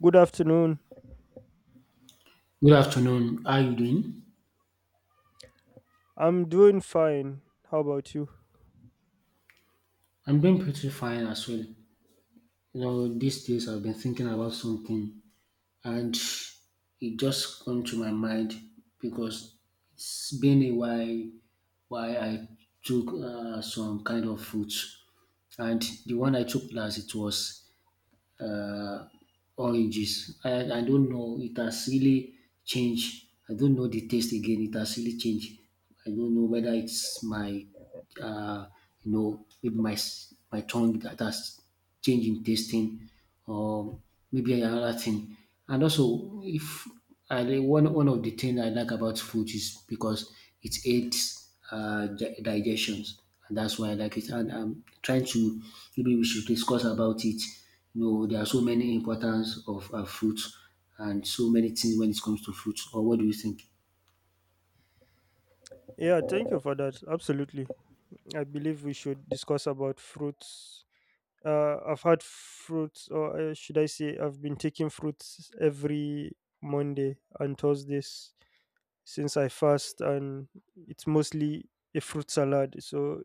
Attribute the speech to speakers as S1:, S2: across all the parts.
S1: Good afternoon.
S2: Good afternoon. How are you doing?
S1: I'm doing fine. How about you?
S2: I'm doing pretty fine as well. You know, these days I've been thinking about something and it just come to my mind because it's been a while why I took some kind of fruits and the one I took last it was uh, oranges. I don't know. It has really changed. I don't know the taste again. It has really changed. I don't know whether it's my, uh, you know, maybe my tongue that has changed in tasting, or maybe another thing. And also, if one of the things I like about food is because it aids digestions. And that's why I like it. And I'm trying to maybe we should discuss about it. You know, there are so many importance of fruits and so many things when it comes to fruits. Or what do you think?
S1: Yeah, thank you for that. Absolutely. I believe we should discuss about fruits. I've had fruits, or should I say, I've been taking fruits every Monday and Thursdays since I fast, and it's mostly a fruit salad. So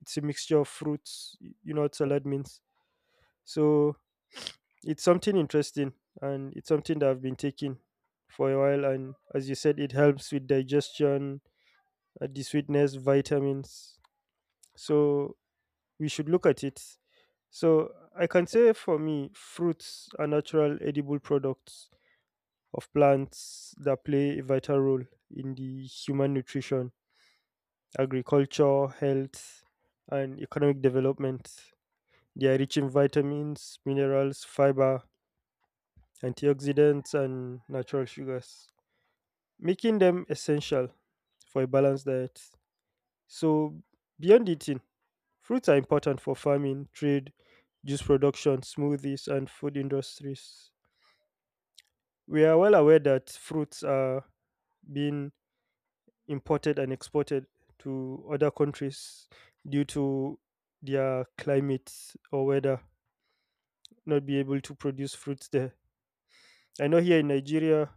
S1: it's a mixture of fruits. You know what salad means. So it's something interesting and it's something that I've been taking for a while. And as you said, it helps with digestion, the sweetness, vitamins. So we should look at it. So I can say for me, fruits are natural edible products of plants that play a vital role in the human nutrition, agriculture, health, and economic development. They are rich in vitamins, minerals, fiber, antioxidants, and natural sugars, making them essential for a balanced diet. So, beyond eating, fruits are important for farming, trade, juice production, smoothies, and food industries. We are well aware that fruits are being imported and exported to other countries due to their climate or weather not be able to produce fruits there. I know here in Nigeria,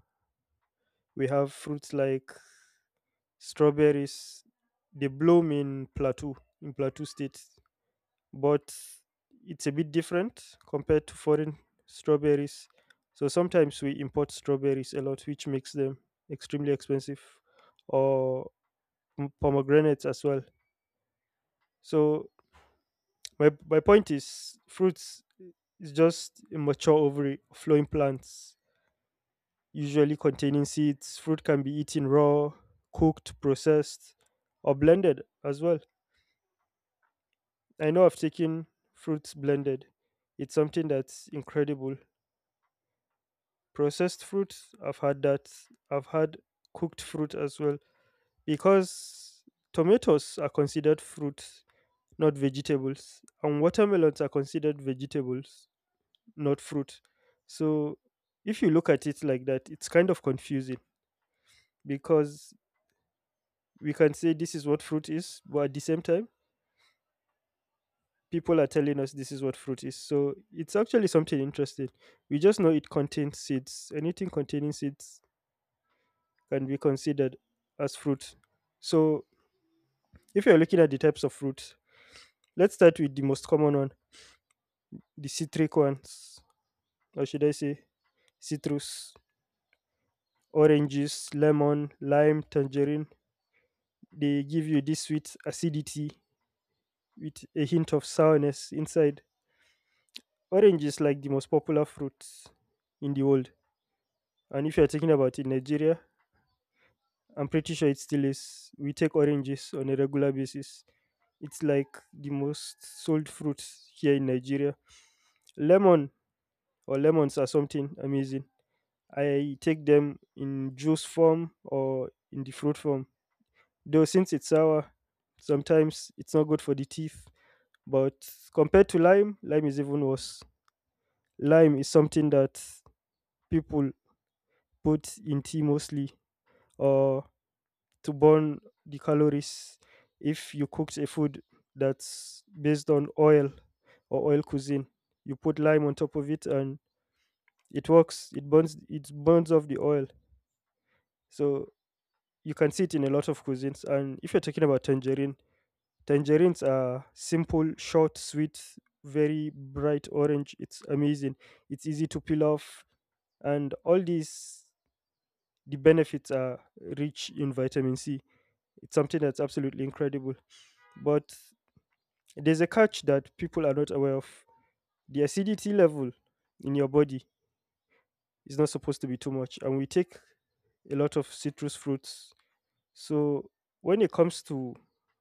S1: we have fruits like strawberries, they bloom in plateau, in plateau state, but it's a bit different compared to foreign strawberries, so sometimes we import strawberries a lot, which makes them extremely expensive, or pomegranates as well. So my point is fruits is just a mature ovary of flowing plants usually containing seeds. Fruit can be eaten raw, cooked, processed, or blended as well. I know I've taken fruits blended. It's something that's incredible. Processed fruits, I've had that. I've had cooked fruit as well. Because tomatoes are considered fruits, not vegetables. And watermelons are considered vegetables, not fruit. So if you look at it like that, it's kind of confusing because we can say this is what fruit is, but at the same time, people are telling us this is what fruit is. So it's actually something interesting. We just know it contains seeds. Anything containing seeds can be considered as fruit. So if you're looking at the types of fruit, let's start with the most common one, the citric ones, or should I say citrus, oranges, lemon, lime, tangerine. They give you this sweet acidity with a hint of sourness inside. Orange is like the most popular fruit in the world. And if you're talking about in Nigeria, I'm pretty sure it still is. We take oranges on a regular basis. It's like the most sold fruit here in Nigeria. Lemon or lemons are something amazing. I take them in juice form or in the fruit form. Though since it's sour, sometimes it's not good for the teeth. But compared to lime, lime is even worse. Lime is something that people put in tea mostly, or to burn the calories if you cooked a food that's based on oil or oil cuisine. You put lime on top of it and it works. It burns off the oil. So you can see it in a lot of cuisines. And if you're talking about tangerine, tangerines are simple, short, sweet, very bright orange. It's amazing. It's easy to peel off. And all these the benefits are rich in vitamin C. It's something that's absolutely incredible. But there's a catch that people are not aware of. The acidity level in your body is not supposed to be too much, and we take a lot of citrus fruits. So when it comes to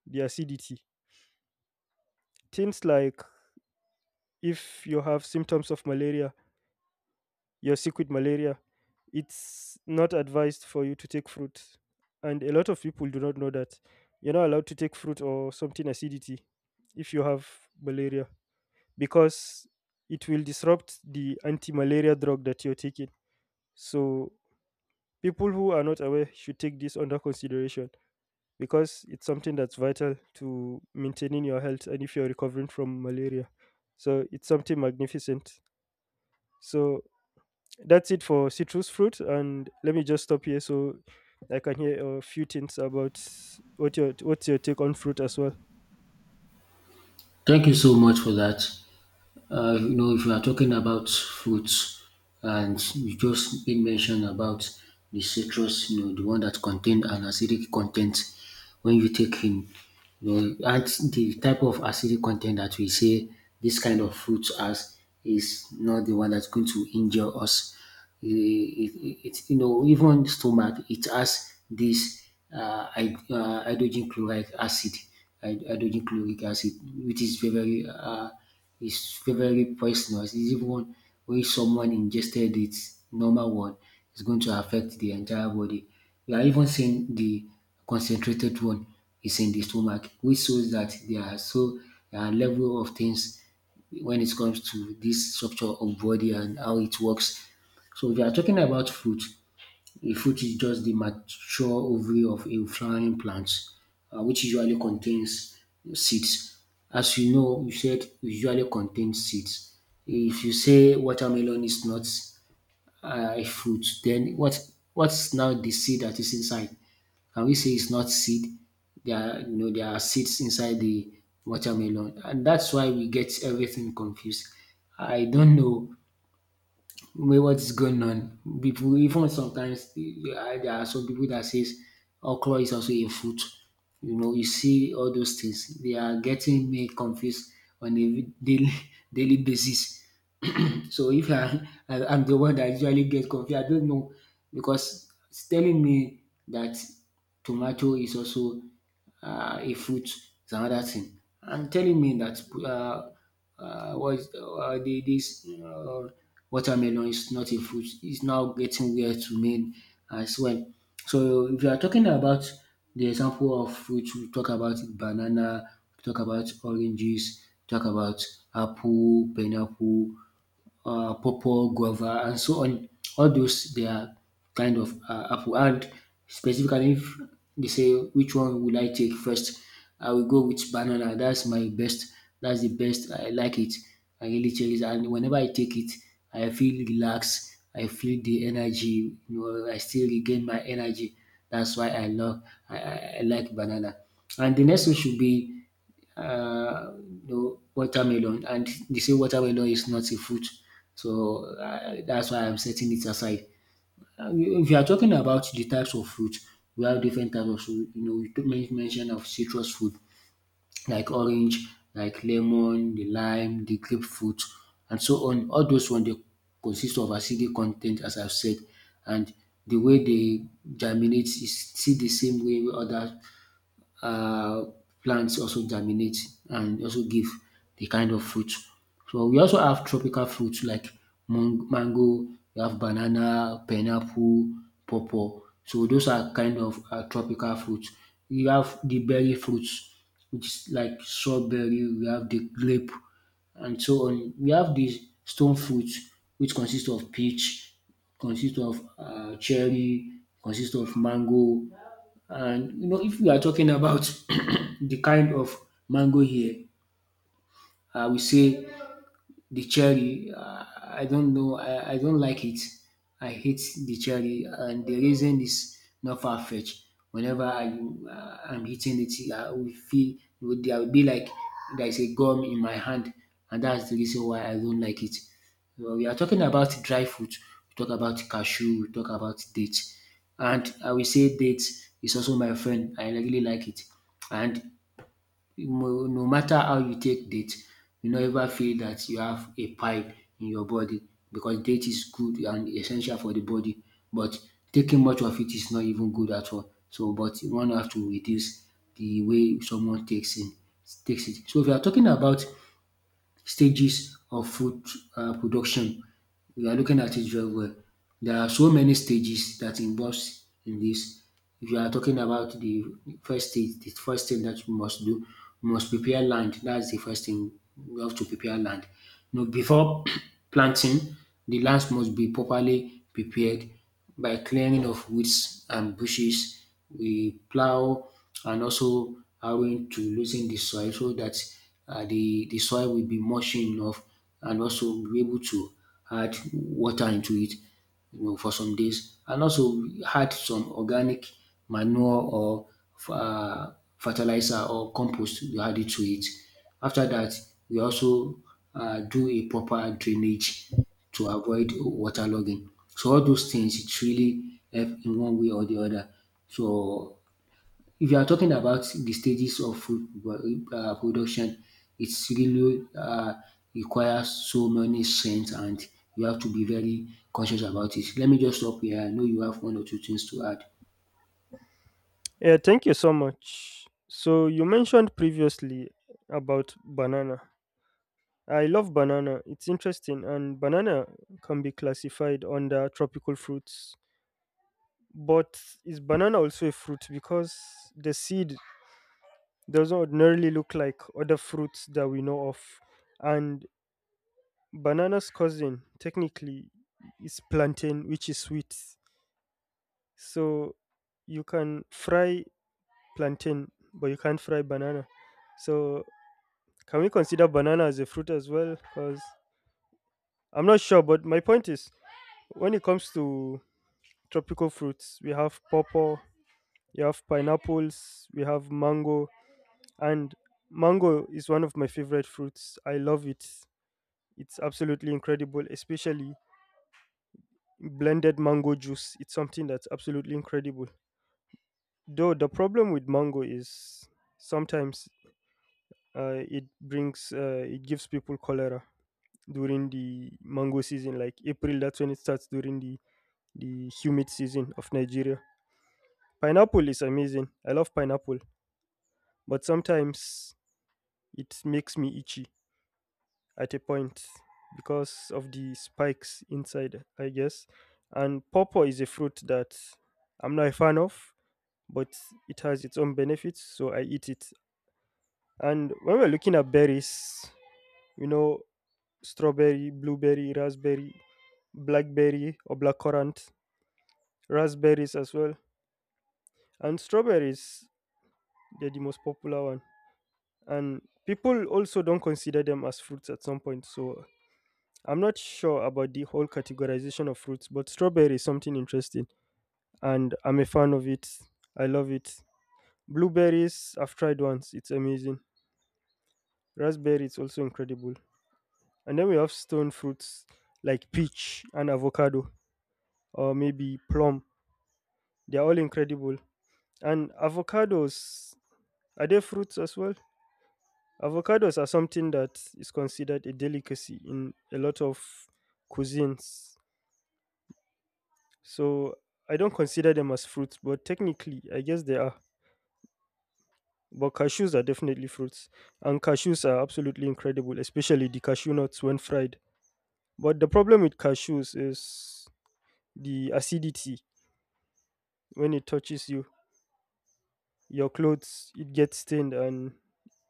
S1: the acidity, things like if you have symptoms of malaria, you're sick with malaria, it's not advised for you to take fruit. And a lot of people do not know that you're not allowed to take fruit or something acidity if you have malaria, because it will disrupt the anti-malaria drug that you're taking. So people who are not aware should take this under consideration because it's something that's vital to maintaining your health and if you're recovering from malaria. So it's something magnificent. So that's it for citrus fruit, and let me just stop here so I can hear a few things about what's your take on fruit as well.
S2: Thank you so much for that. If you are talking about fruits, and you just did mention about the citrus, you know, the one that contain an acidic content when you take in, you know, and the type of acidic content that we say this kind of fruit has is not the one that's going to injure us it, you know, even stomach, it has this hydrogen chloride acid, hydrogen chloric acid, which is very, very, uh, is very, very poisonous. It's even when someone ingested it, normal one, it's going to affect the entire body. We are even seeing the concentrated one is in the stomach, which shows that there are so level of things when it comes to this structure of body and how it works. So if you are talking about fruit, a fruit is just the mature ovary of a flowering plant, which usually contains seeds. As you know, you said it usually contains seeds. If you say watermelon is not a fruit, then what's now the seed that is inside? Can we say it's not seed? There are, you know there are seeds inside the watermelon, and that's why we get everything confused. I don't know with what is going on. People even sometimes there are some people that says okra is also a fruit. You know, you see all those things. They are getting me confused on a daily daily basis. So if I, I I'm the one that usually get confused, I don't know because it's telling me that tomato is also a fruit. It's another thing, and telling me that what is, the, this watermelon is not a fruit. It's now getting weird to me as well. So if you are talking about the example of fruit, we talk about banana, we talk about oranges, we talk about apple, pineapple, purple guava, and so on. All those they are kind of apple. And specifically, if they say which one will I take first, I will go with banana. That's my best. That's the best. I like it. I really cherish it. And whenever I take it, I feel relaxed. I feel the energy. You know, I still regain my energy. That's why I love. I, I I like banana. And the next one should be uh, no watermelon, and they say watermelon is not a fruit, so that's why I'm setting it aside. If you are talking about the types of fruit, we have different types of fruit. You know, we took mention of citrus fruit like orange, like lemon, the lime, the grapefruit, and so on. All those ones they consist of acidic content, as I've said, and the way they germinate is still the same way other uh, plants also germinate and also give the kind of fruit. So we also have tropical fruits like mango, we have banana, pineapple, pawpaw. So those are kind of tropical fruits. We have the berry fruits, which is like strawberry, we have the grape, and so on. We have these stone fruits, which consist of peach, consist of cherry, consist of mango, and you know, if we are talking about the kind of mango here, I will say the cherry, I don't know, I don't like it. I hate the cherry, and the reason is not far fetched. Whenever I'm eating it, I will feel there will be like there's a gum in my hand, and that's the reason why I don't like it. Well, we are talking about dry fruit, we talk about cashew, we talk about dates, and I will say dates is also my friend. I really like it, and no matter how you take date you no ever feel that you have a pipe in your body because date is good and essential for the body but taking much of it is not even good at all. So but one have to reduce the way someone takes it. So if you are talking about stages of food production. We are looking at it very well. There are so many stages that involves in this. If you are talking about the first stage, the first thing that you must do, you must prepare land. That's the first thing. You have to prepare land. Now, before planting, the land must be properly prepared by clearing of weeds and bushes. We plow and also harrowing to loosen the soil so that the soil will be mushy enough and also we'll be able to add water into it, you know, for some days. And also we add some organic manure or uh, fertilizer or compost, we add it to it. After that, we also do a proper drainage to avoid waterlogging. So all those things it really help in one way or the other. So if you are talking about the stages of production, it's really requires so many strengths and you have to be very conscious about it. Let me just stop here. I know you have one or two things to add.
S1: Yeah, thank you so much. So you mentioned previously about banana. I love banana. It's interesting, and banana can be classified under tropical fruits. But is banana also a fruit? Because the seed doesn't ordinarily look like other fruits that we know of. And banana's cousin, technically, is plantain, which is sweet. So you can fry plantain, but you can't fry banana. So can we consider banana as a fruit as well? Because I'm not sure, but my point is when it comes to tropical fruits. We have pawpaw, we have pineapples, we have mango, and mango is one of my favorite fruits. I love it. It's absolutely incredible, especially blended mango juice. It's something that's absolutely incredible. Though the problem with mango is sometimes it brings it gives people cholera during the mango season, like April. That's when it starts during the humid season of Nigeria. Pineapple is amazing. I love pineapple. But sometimes it makes me itchy at a point because of the spikes inside, I guess. And pawpaw is a fruit that I'm not a fan of, but it has its own benefits, so I eat it. And when we're looking at berries, you know, strawberry, blueberry, raspberry, blackberry, or blackcurrant, raspberries as well. And strawberries, they're the most popular one. And people also don't consider them as fruits at some point, so I'm not sure about the whole categorization of fruits, but strawberry is something interesting and I'm a fan of it. I love it. Blueberries, I've tried once, it's amazing. Raspberry is also incredible. And then we have stone fruits like peach and avocado or maybe plum. They're all incredible. And avocados, are they fruits as well? Avocados are something that is considered a delicacy in a lot of cuisines. So I don't consider them as fruits, but technically, I guess they are. But cashews are definitely fruits, and cashews are absolutely incredible, especially the cashew nuts when fried. But the problem with cashews is the acidity when it touches you, your clothes, it gets stained, and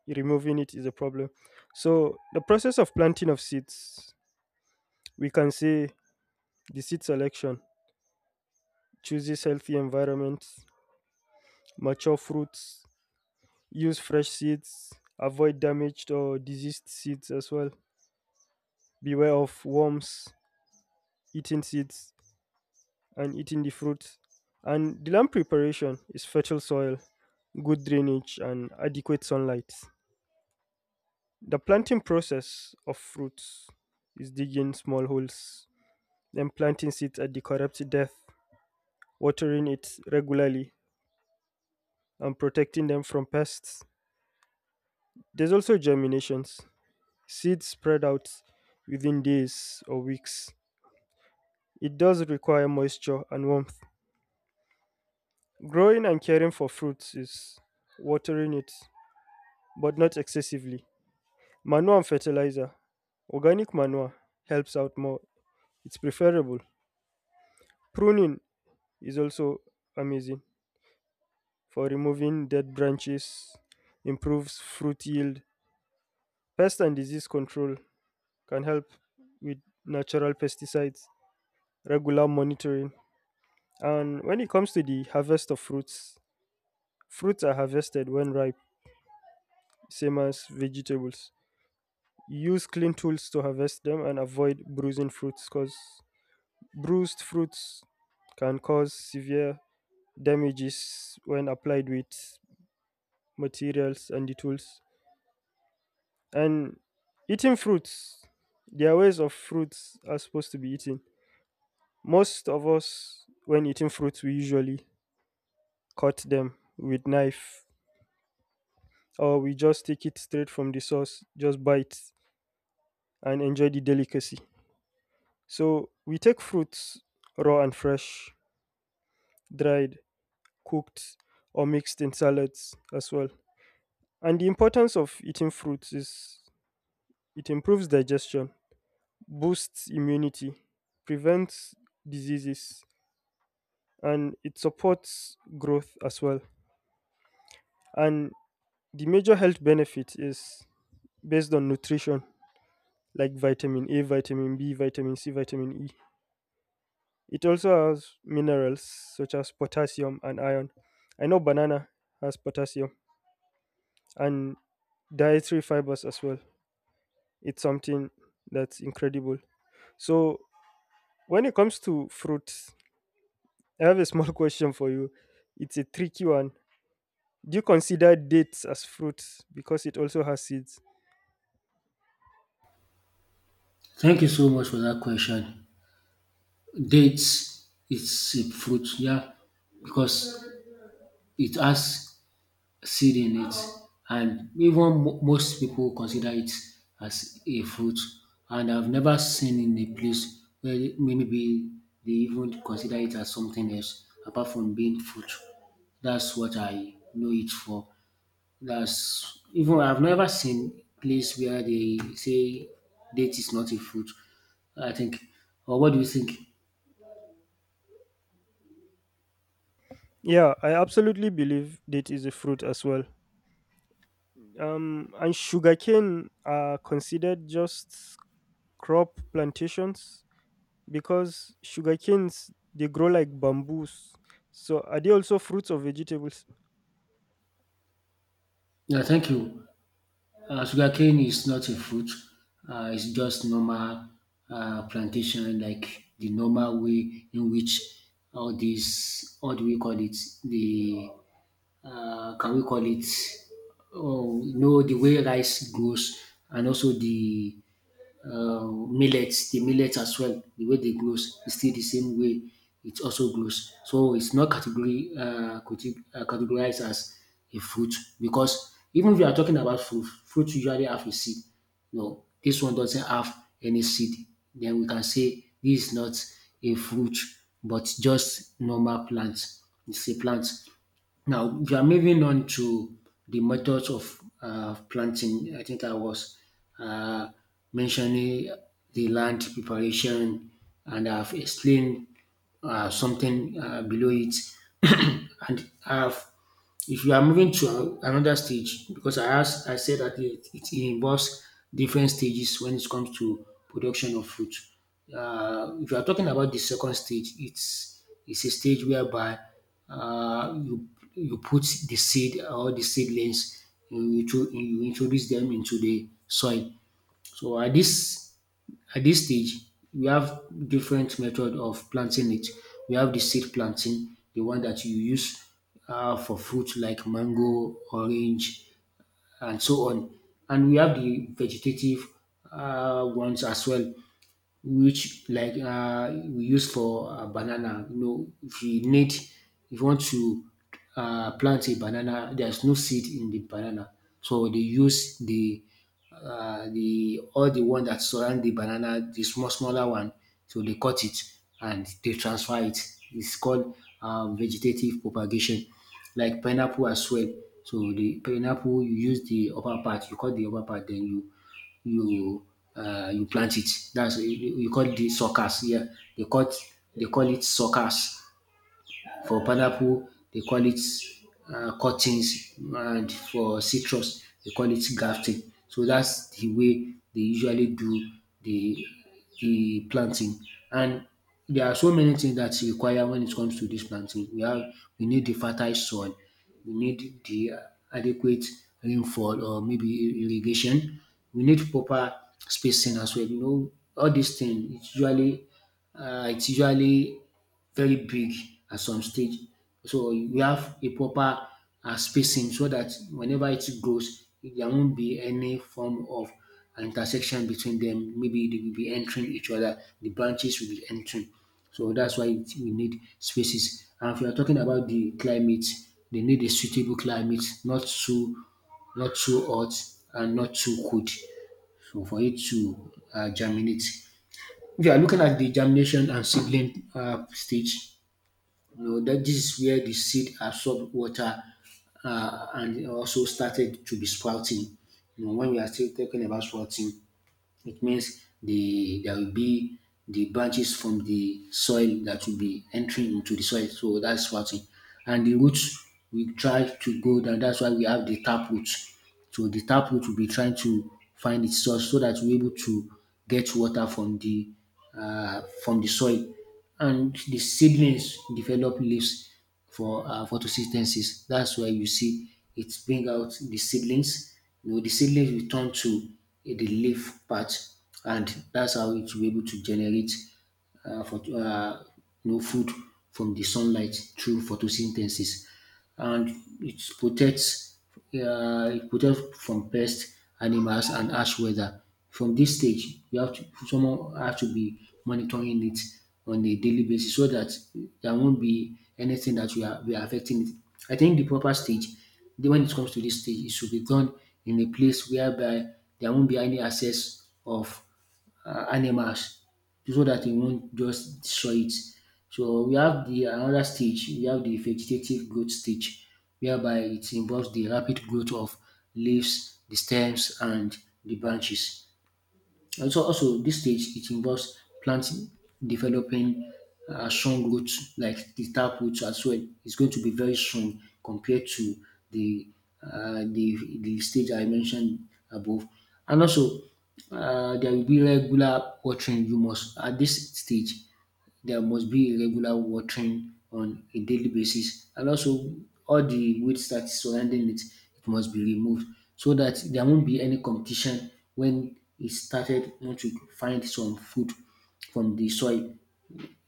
S1: removing it is a problem. So the process of planting of seeds, we can say the seed selection chooses healthy environments, mature fruits, use fresh seeds. Avoid damaged or diseased seeds as well. Beware of worms eating seeds and eating the fruit. And the land preparation is fertile soil, good drainage, and adequate sunlight. The planting process of fruits is digging small holes, then planting seeds at the correct depth, watering it regularly, and protecting them from pests. There's also germinations. Seeds spread out within days or weeks. It does require moisture and warmth. Growing and caring for fruits is watering it, but not excessively. Manure and fertilizer. Organic manure helps out more. It's preferable. Pruning is also amazing for removing dead branches, improves fruit yield. Pest and disease control can help with natural pesticides, regular monitoring. And when it comes to the harvest of fruits, fruits are harvested when ripe, same as vegetables. Use clean tools to harvest them and avoid bruising fruits because bruised fruits can cause severe damages when applied with materials and the tools. And eating fruits, their ways of fruits are supposed to be eaten. Most of us, when eating fruits, we usually cut them with knife or we just take it straight from the source, just bite and enjoy the delicacy. So we take fruits raw and fresh, dried, cooked, or mixed in salads as well. And the importance of eating fruits is it improves digestion, boosts immunity, prevents diseases, and it supports growth as well. And the major health benefit is based on nutrition like vitamin A, vitamin B, vitamin C, vitamin E. It also has minerals such as potassium and iron. I know banana has potassium and dietary fibers as well. It's something that's incredible. So, when it comes to fruits, I have a small question for you. It's a tricky one. Do you consider dates as fruits because it also has seeds?
S2: Thank you so much for that question. Dates, it's a fruit, yeah, because it has seed in it and even most people consider it as a fruit and I've never seen in a place where maybe they even consider it as something else apart from being fruit. That's what I know it for. That's even I've never seen place where they say date is not a fruit. I think. Or what do you think?
S1: Yeah, I absolutely believe date is a fruit as well. And sugarcane are considered just crop plantations because sugarcanes they grow like bamboos. So are they also fruits or vegetables?
S2: Yeah, thank you. Sugarcane is not a fruit. It's just normal plantation, like the normal way in which all these, what do we call it? The Can we call it? Oh, no, the way rice grows, and also the millet, the millet as well, the way they grows is still the same way it also grows. So it's not category categorized as a fruit because even if you are talking about fruit, fruit usually have a seed. No, dis one doesn't have any seed. Den we can say dis is not a fruit but just normal plant. It's a plant. Now, we are moving on to the methods of planting. I think I was uh, mentioning the land preparation, and I've explained something below it, and I've if you are moving to another stage, because I asked, I said that it involves different stages when it comes to production of fruit. If you are talking about the second stage, it's a stage whereby uh, you you put the seed or the seedlings, you introduce them into the soil. So at this stage, we have different method of planting it. We have the seed planting, the one that you use for fruit like mango, orange, and so on. And we have the vegetative ones as well which like we use for banana. You know, if you want to plant a banana, there's no seed in the banana, so they use the all the one that surround the banana, the smaller one, so they cut it and they transfer it. It's called vegetative propagation, like pineapple as well. So the pineapple, you use the upper part, you cut the upper part, then you you plant it. That's you call it the suckers. Yeah, they call it, they call it suckers. For pineapple, they call it cuttings, and for citrus, they call it grafting. So that's the way they usually do the the planting. And there are so many things that's required when it comes to this planting. We need the fertile soil, we need the adequate rainfall or maybe irrigation. We need proper spacing as well. You know, all these things it's usually it's usually very big at some stage. So you have a proper spacing so that whenever it grows there won't be any form of an intersection between them. Maybe they will be entering each other, the branches will be entering. So that's why it we need spaces. And if you are talking about the climate, they need a suitable climate, not too hot and not too cold so for it to germinate. If you are looking at the germination and seedling stage, you know, that this is where the seed absorbed water, and also started to be sprouting. You know, when we are still talking about sprouting, it means there will be the branches from the soil that will be entering into the soil. So that's what. And the roots we try to go down. That's why we have the tap roots. So the tap root will be trying to find its source so that we're able to get water from the soil. And the seedlings develop leaves for photosynthesis. That's why you see it bring out the seedlings. You know, the seedlings will turn to the leaf part, and that's how it will be able to generate uh, for, uh, food from the sunlight through photosynthesis and it protects it protects from pests, animals, and harsh weather. From this stage, you have to someone have to be monitoring it on a daily basis so that there won't be anything that we are affecting it. I think the proper stage, when it comes to this stage, it should be done in a place whereby there won't be any access of animals so that it won't just destroy it. So we have the another stage, we have the vegetative growth stage, whereby it involves the rapid growth of leaves, the stems, and the branches. Also this stage it involves planting, developing strong roots like the tap roots as well. It's going to be very strong compared to the the stage I mentioned above. And also, there will be regular watering. You must at this stage there must be regular watering on a daily basis and also all the weeds that is surrounding it, it must be removed so that there won't be any competition when it started want to find some food from the soil.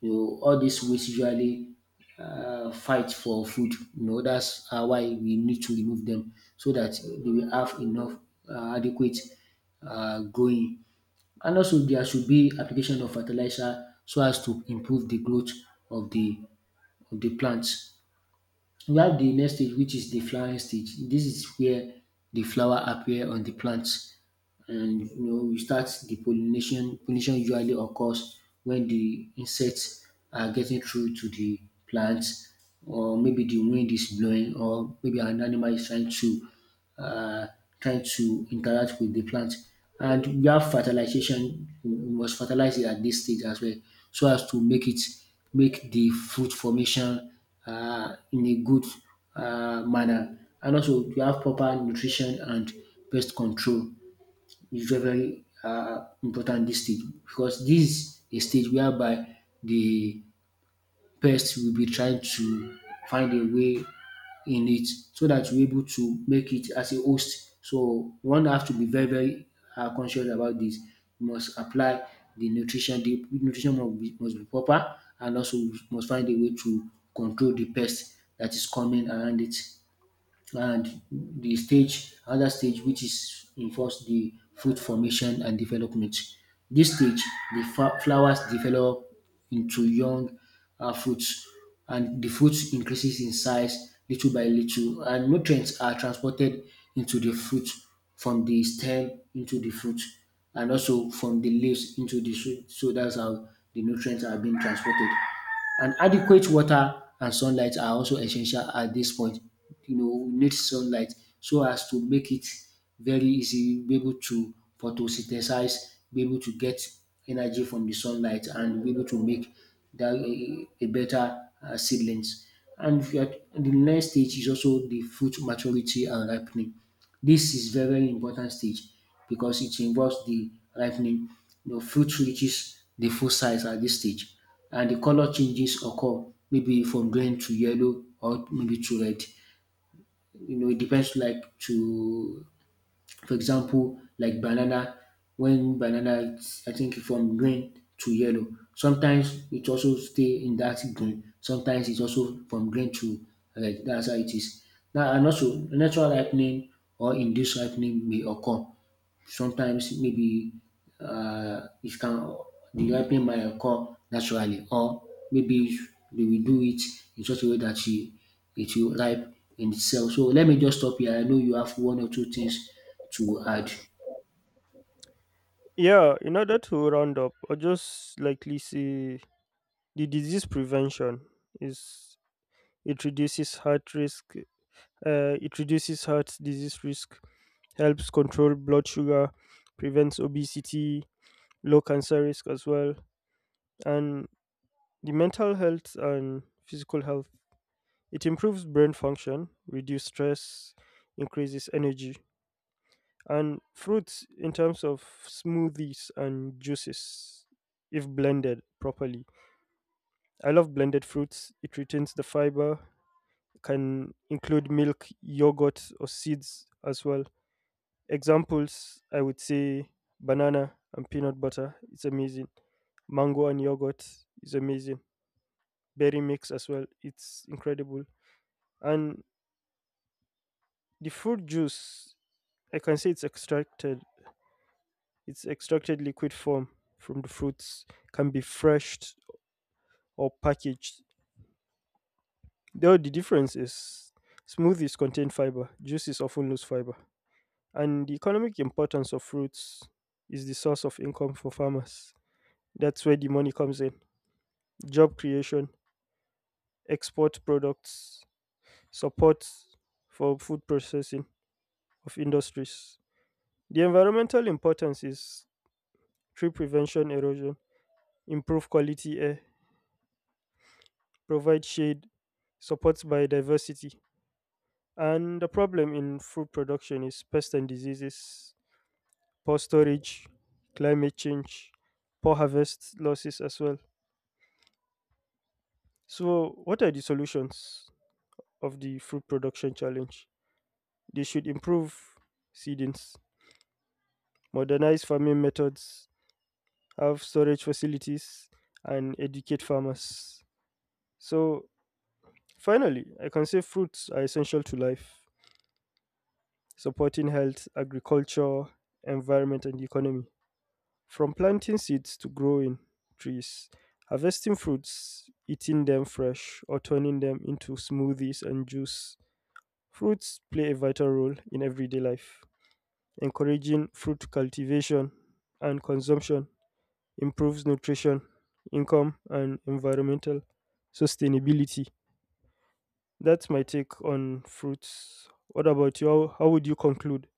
S2: You know, all these weeds usually fight for food. You know, that's why we need to remove them so that they will have enough adequate growing. And also there should be application of fertilizer so as to improve the growth of the of the plant. We have the next stage which is the flowering stage. This is where the flower appear on the plant. And you know we start the pollination. Pollination usually occurs when the insects are getting through to the plants, or maybe the wind is blowing, or maybe an animal is trying to uh, trying to interact with the plant. And we have fertilization. We must fertilize it at this stage as well, so as to make it make the fruit formation in a good manner. And also, we have proper nutrition and pest control. Is very very important dis stage because dis a stage whereby de pest will be trying to find a way in it so dat you able to make it as a host. So one have to be very very conscious about dis. You must apply de nutrition, de nutrition must be proper and also you must find a way to control de pest dat is coming around it. And the stage other stage which is involves the fruit formation and development. This stage the flowers develop into young fruits and the fruit increases in size little by little and nutrients are transported into the fruit from the stem into the fruit and also from the leaves into the fruit. So that's how the nutrients are being transported and adequate water and sunlight are also essential at this point. You know, we need sunlight so as to make it very easy, be able to photosynthesize, be able to get energy from the sunlight, and be able to make that a better seedlings. And if you are, and the next stage is also the fruit maturity and ripening. This is very very important stage because it involves the ripening. You know, fruit reaches the full size at this stage and the color changes occur, maybe from green to yellow or maybe to red. You know, it depends like to, for example, like banana, when banana is I think from green to yellow, sometimes it also stay in that green, sometimes it's also from green to red. That's how it is. Now and also natural ripening or induced ripening may occur. Sometimes maybe it can be happening by a naturally, or maybe they will do it in such a way that she, it will ripe in itself. So let me just stop here. I know you have one or two things to add.
S1: Yeah, in order to round up or just likely say the disease prevention is it reduces heart risk, it reduces heart disease risk, helps control blood sugar, prevents obesity, low cancer risk as well, and the mental health and physical health, it improves brain function, reduces stress, increases energy, and fruits in terms of smoothies and juices if blended properly. I love blended fruits. It retains the fiber, can include milk, yogurt, or seeds as well. Examples I would say banana and peanut butter. It's amazing. Mango and yogurt is amazing. Berry mix as well. It's incredible. And the fruit juice I can say it's extracted. It's extracted liquid form from the fruits, can be freshed or packaged. Though the difference is smoothies contain fiber, juices often lose fiber. And the economic importance of fruits is the source of income for farmers. That's where the money comes in. Job creation, export products, support for food processing of industries. The environmental importance is tree prevention erosion, improve quality air, provide shade, supports biodiversity. And the problem in food production is pests and diseases, poor storage, climate change, poor harvest losses as well. So, what are the solutions of the food production challenge? They should improve seedings, modernize farming methods, have storage facilities, and educate farmers. So, finally, I can say fruits are essential to life supporting health, agriculture, environment, and economy. From planting seeds to growing trees, harvesting fruits, eating them fresh, or turning them into smoothies and juice, fruits play a vital role in everyday life. Encouraging fruit cultivation and consumption improves nutrition, income, and environmental sustainability. That's my take on fruits. What about you? How would you conclude?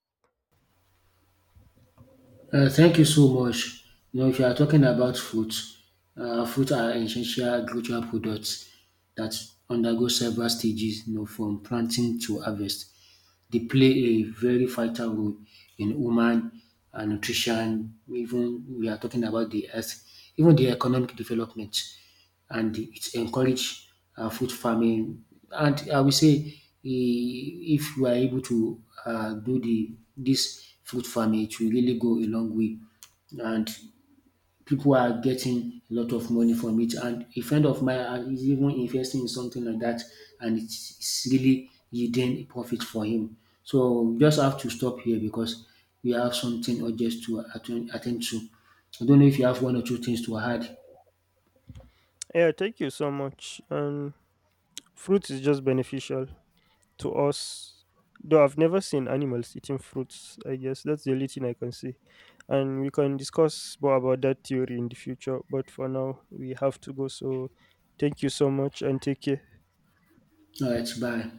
S2: Thank you so much. You know, if you are talking about food, food are essential agricultural products that undergo several stages, you know, from planting to harvest. They play a very vital role in human nutrition. Even we are talking about the health, even the economic development, and it encourage food farming. And I will say, if we are able to do the this food farming, it will really go a long way. And people are getting a lot of money from it. And a friend of mine is even investing in something like that, and it's really yielding profit for him. So we just have to stop here because we have something urgent to attend to. I don't know if you have one or two things to add.
S1: Yeah, thank you so much. And fruits is just beneficial to us. Though I've never seen animals eating fruits, I guess that's the only thing I can say. And we can discuss more about that theory in the future, but for now, we have to go. So, thank you so much and take care.
S2: All right, bye.